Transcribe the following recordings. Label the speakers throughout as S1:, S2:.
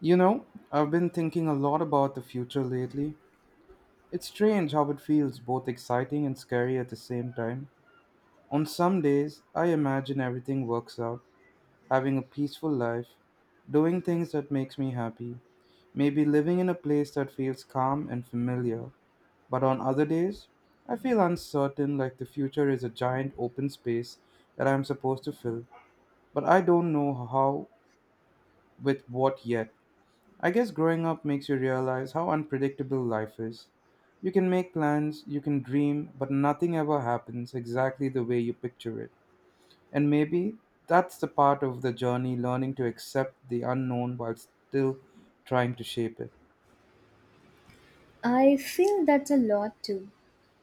S1: You know, I've been thinking a lot about the future lately. It's strange how it feels both exciting and scary at the same time. On some days, I imagine everything works out, having a peaceful life, doing things that makes me happy, maybe living in a place that feels calm and familiar. But on other days, I feel uncertain like the future is a giant open space that I'm supposed to fill, but I don't know how with what yet. I guess growing up makes you realize how unpredictable life is. You can make plans, you can dream, but nothing ever happens exactly the way you picture it. And maybe that's the part of the journey learning to accept the unknown while still trying to shape it.
S2: I feel that's a lot too.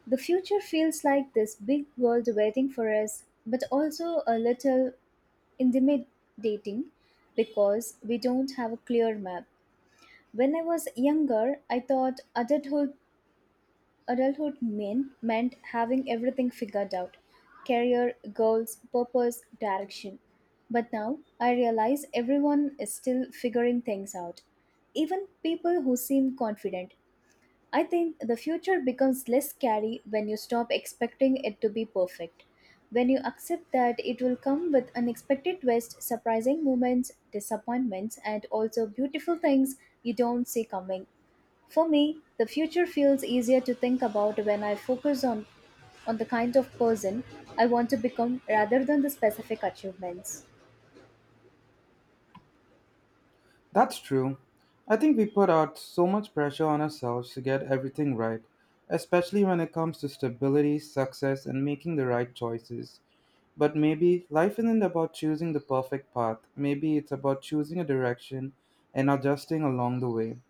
S2: The future feels like this big world waiting for us, but also a little intimidating because we don't have a clear map. When I was younger, I thought meant having everything figured out: career, goals, purpose, direction. But now I realize everyone is still figuring things out. Even people who seem confident. I think the future becomes less scary when you stop expecting it to be perfect. When you accept that it will come with unexpected twists, surprising moments, disappointments, and also beautiful things you don't see coming. For me, the future feels easier to think about when I focus on the kind of person I want to become rather than the specific achievements.
S1: That's true. I think we put out so much pressure on ourselves to get everything right, especially when it comes to stability, success, and making the right choices. But maybe life isn't about choosing the perfect path. Maybe it's about choosing a direction and adjusting along the way.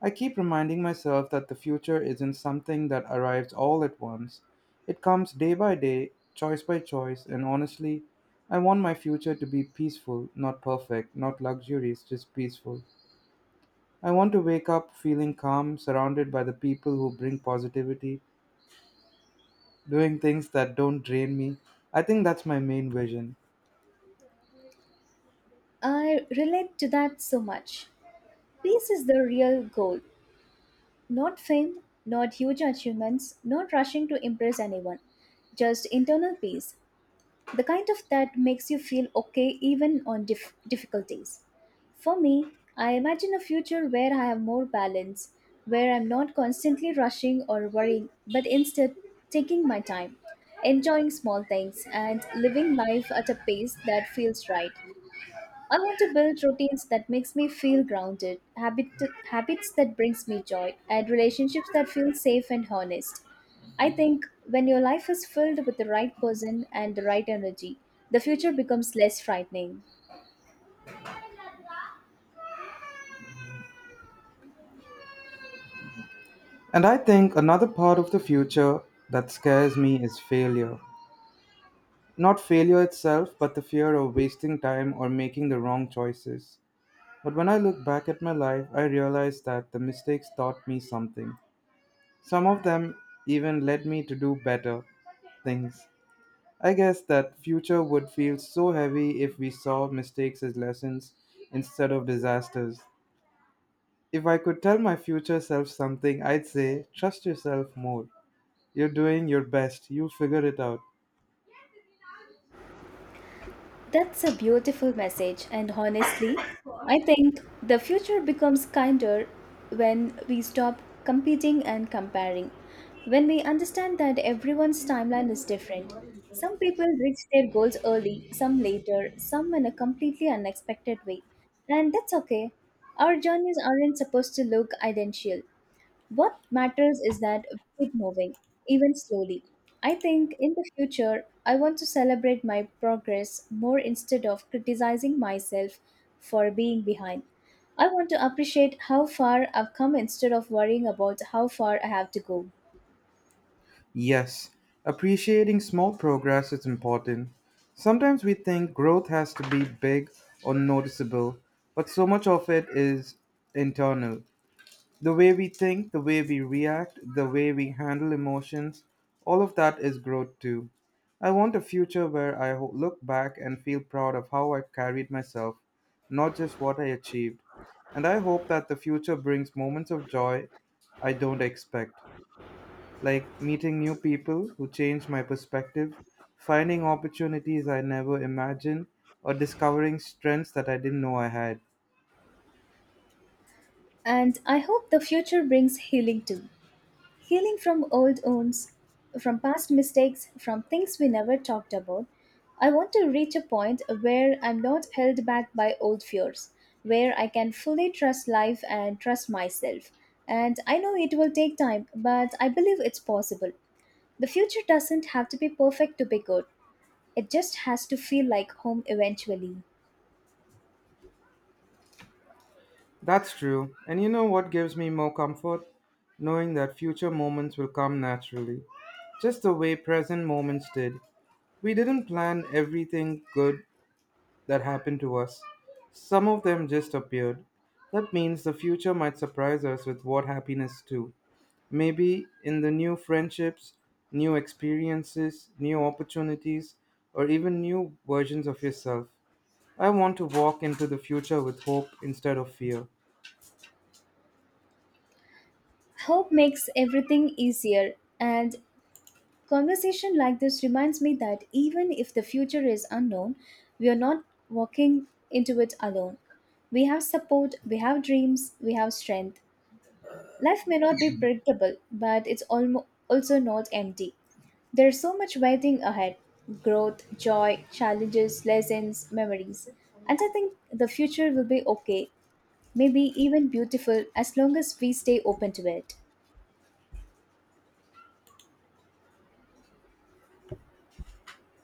S1: I keep reminding myself that the future isn't something that arrives all at once. It comes day by day, choice by choice, and honestly, I want my future to be peaceful, not perfect, not luxurious, just peaceful. I want to wake up feeling calm, surrounded by the people who bring positivity, doing things that don't drain me. I think that's my main vision.
S2: I relate to that so much. Peace is the real goal. Not fame, not huge achievements, not rushing to impress anyone, just internal peace, the kind of that makes you feel okay even on difficulties. For me, I imagine a future where I have more balance, where I'm not constantly rushing or worrying, but instead taking my time, enjoying small things, and living life at a pace that feels right. I want to build routines that makes me feel grounded, habits that brings me joy, and relationships that feel safe and honest. I think when your life is filled with the right person and the right energy, the future becomes less frightening.
S1: And I think another part of the future that scares me is failure. Not failure itself, but the fear of wasting time or making the wrong choices. But when I look back at my life, I realize that the mistakes taught me something. Some of them even led me to do better things. I guess that future would feel so heavy if we saw mistakes as lessons instead of disasters. If I could tell my future self something, I'd say trust yourself more. You're doing your best. You'll figure it out.
S2: That's a beautiful message, and honestly, I think the future becomes kinder when we stop competing and comparing. When we understand that everyone's timeline is different. Some people reach their goals early, some later, some in a completely unexpected way. And that's okay. Our journeys aren't supposed to look identical. What matters is that we keep moving, even slowly. I think in the future, I want to celebrate my progress more instead of criticizing myself for being behind. I want to appreciate how far I've come instead of worrying about how far I have to go.
S1: Yes, appreciating small progress is important. Sometimes we think growth has to be big or noticeable, but so much of it is internal. The way we think, the way we react, the way we handle emotions, all of that is growth too. I want a future where I look back and feel proud of how I carried myself, not just what I achieved. And I hope that the future brings moments of joy I don't expect, like meeting new people who change my perspective, finding opportunities I never imagined, or discovering strengths that I didn't know I had.
S2: And I hope the future brings healing too. Healing from old wounds, from past mistakes, from things we never talked about. I want to reach a point where I'm not held back by old fears, where I can fully trust life and trust myself. And I know it will take time, but I believe it's possible. The future doesn't have to be perfect to be good, it just has to feel like home eventually.
S1: That's true. And you know what gives me more comfort? Knowing that future moments will come naturally, just the way present moments did. We didn't plan everything good that happened to us, some of them just appeared. That means the future might surprise us with what happiness too. Maybe in the new friendships, new experiences, new opportunities, or even new versions of yourself. I want to walk into the future with hope instead of fear.
S2: Hope makes everything easier, and conversation like this reminds me that even if the future is unknown, we are not walking into it alone. We have support, we have dreams, we have strength. Life may not be predictable, but it's also not empty. There's so much waiting ahead: growth, joy, challenges, lessons, memories. And I think the future will be okay, maybe even beautiful, as long as we stay open to it.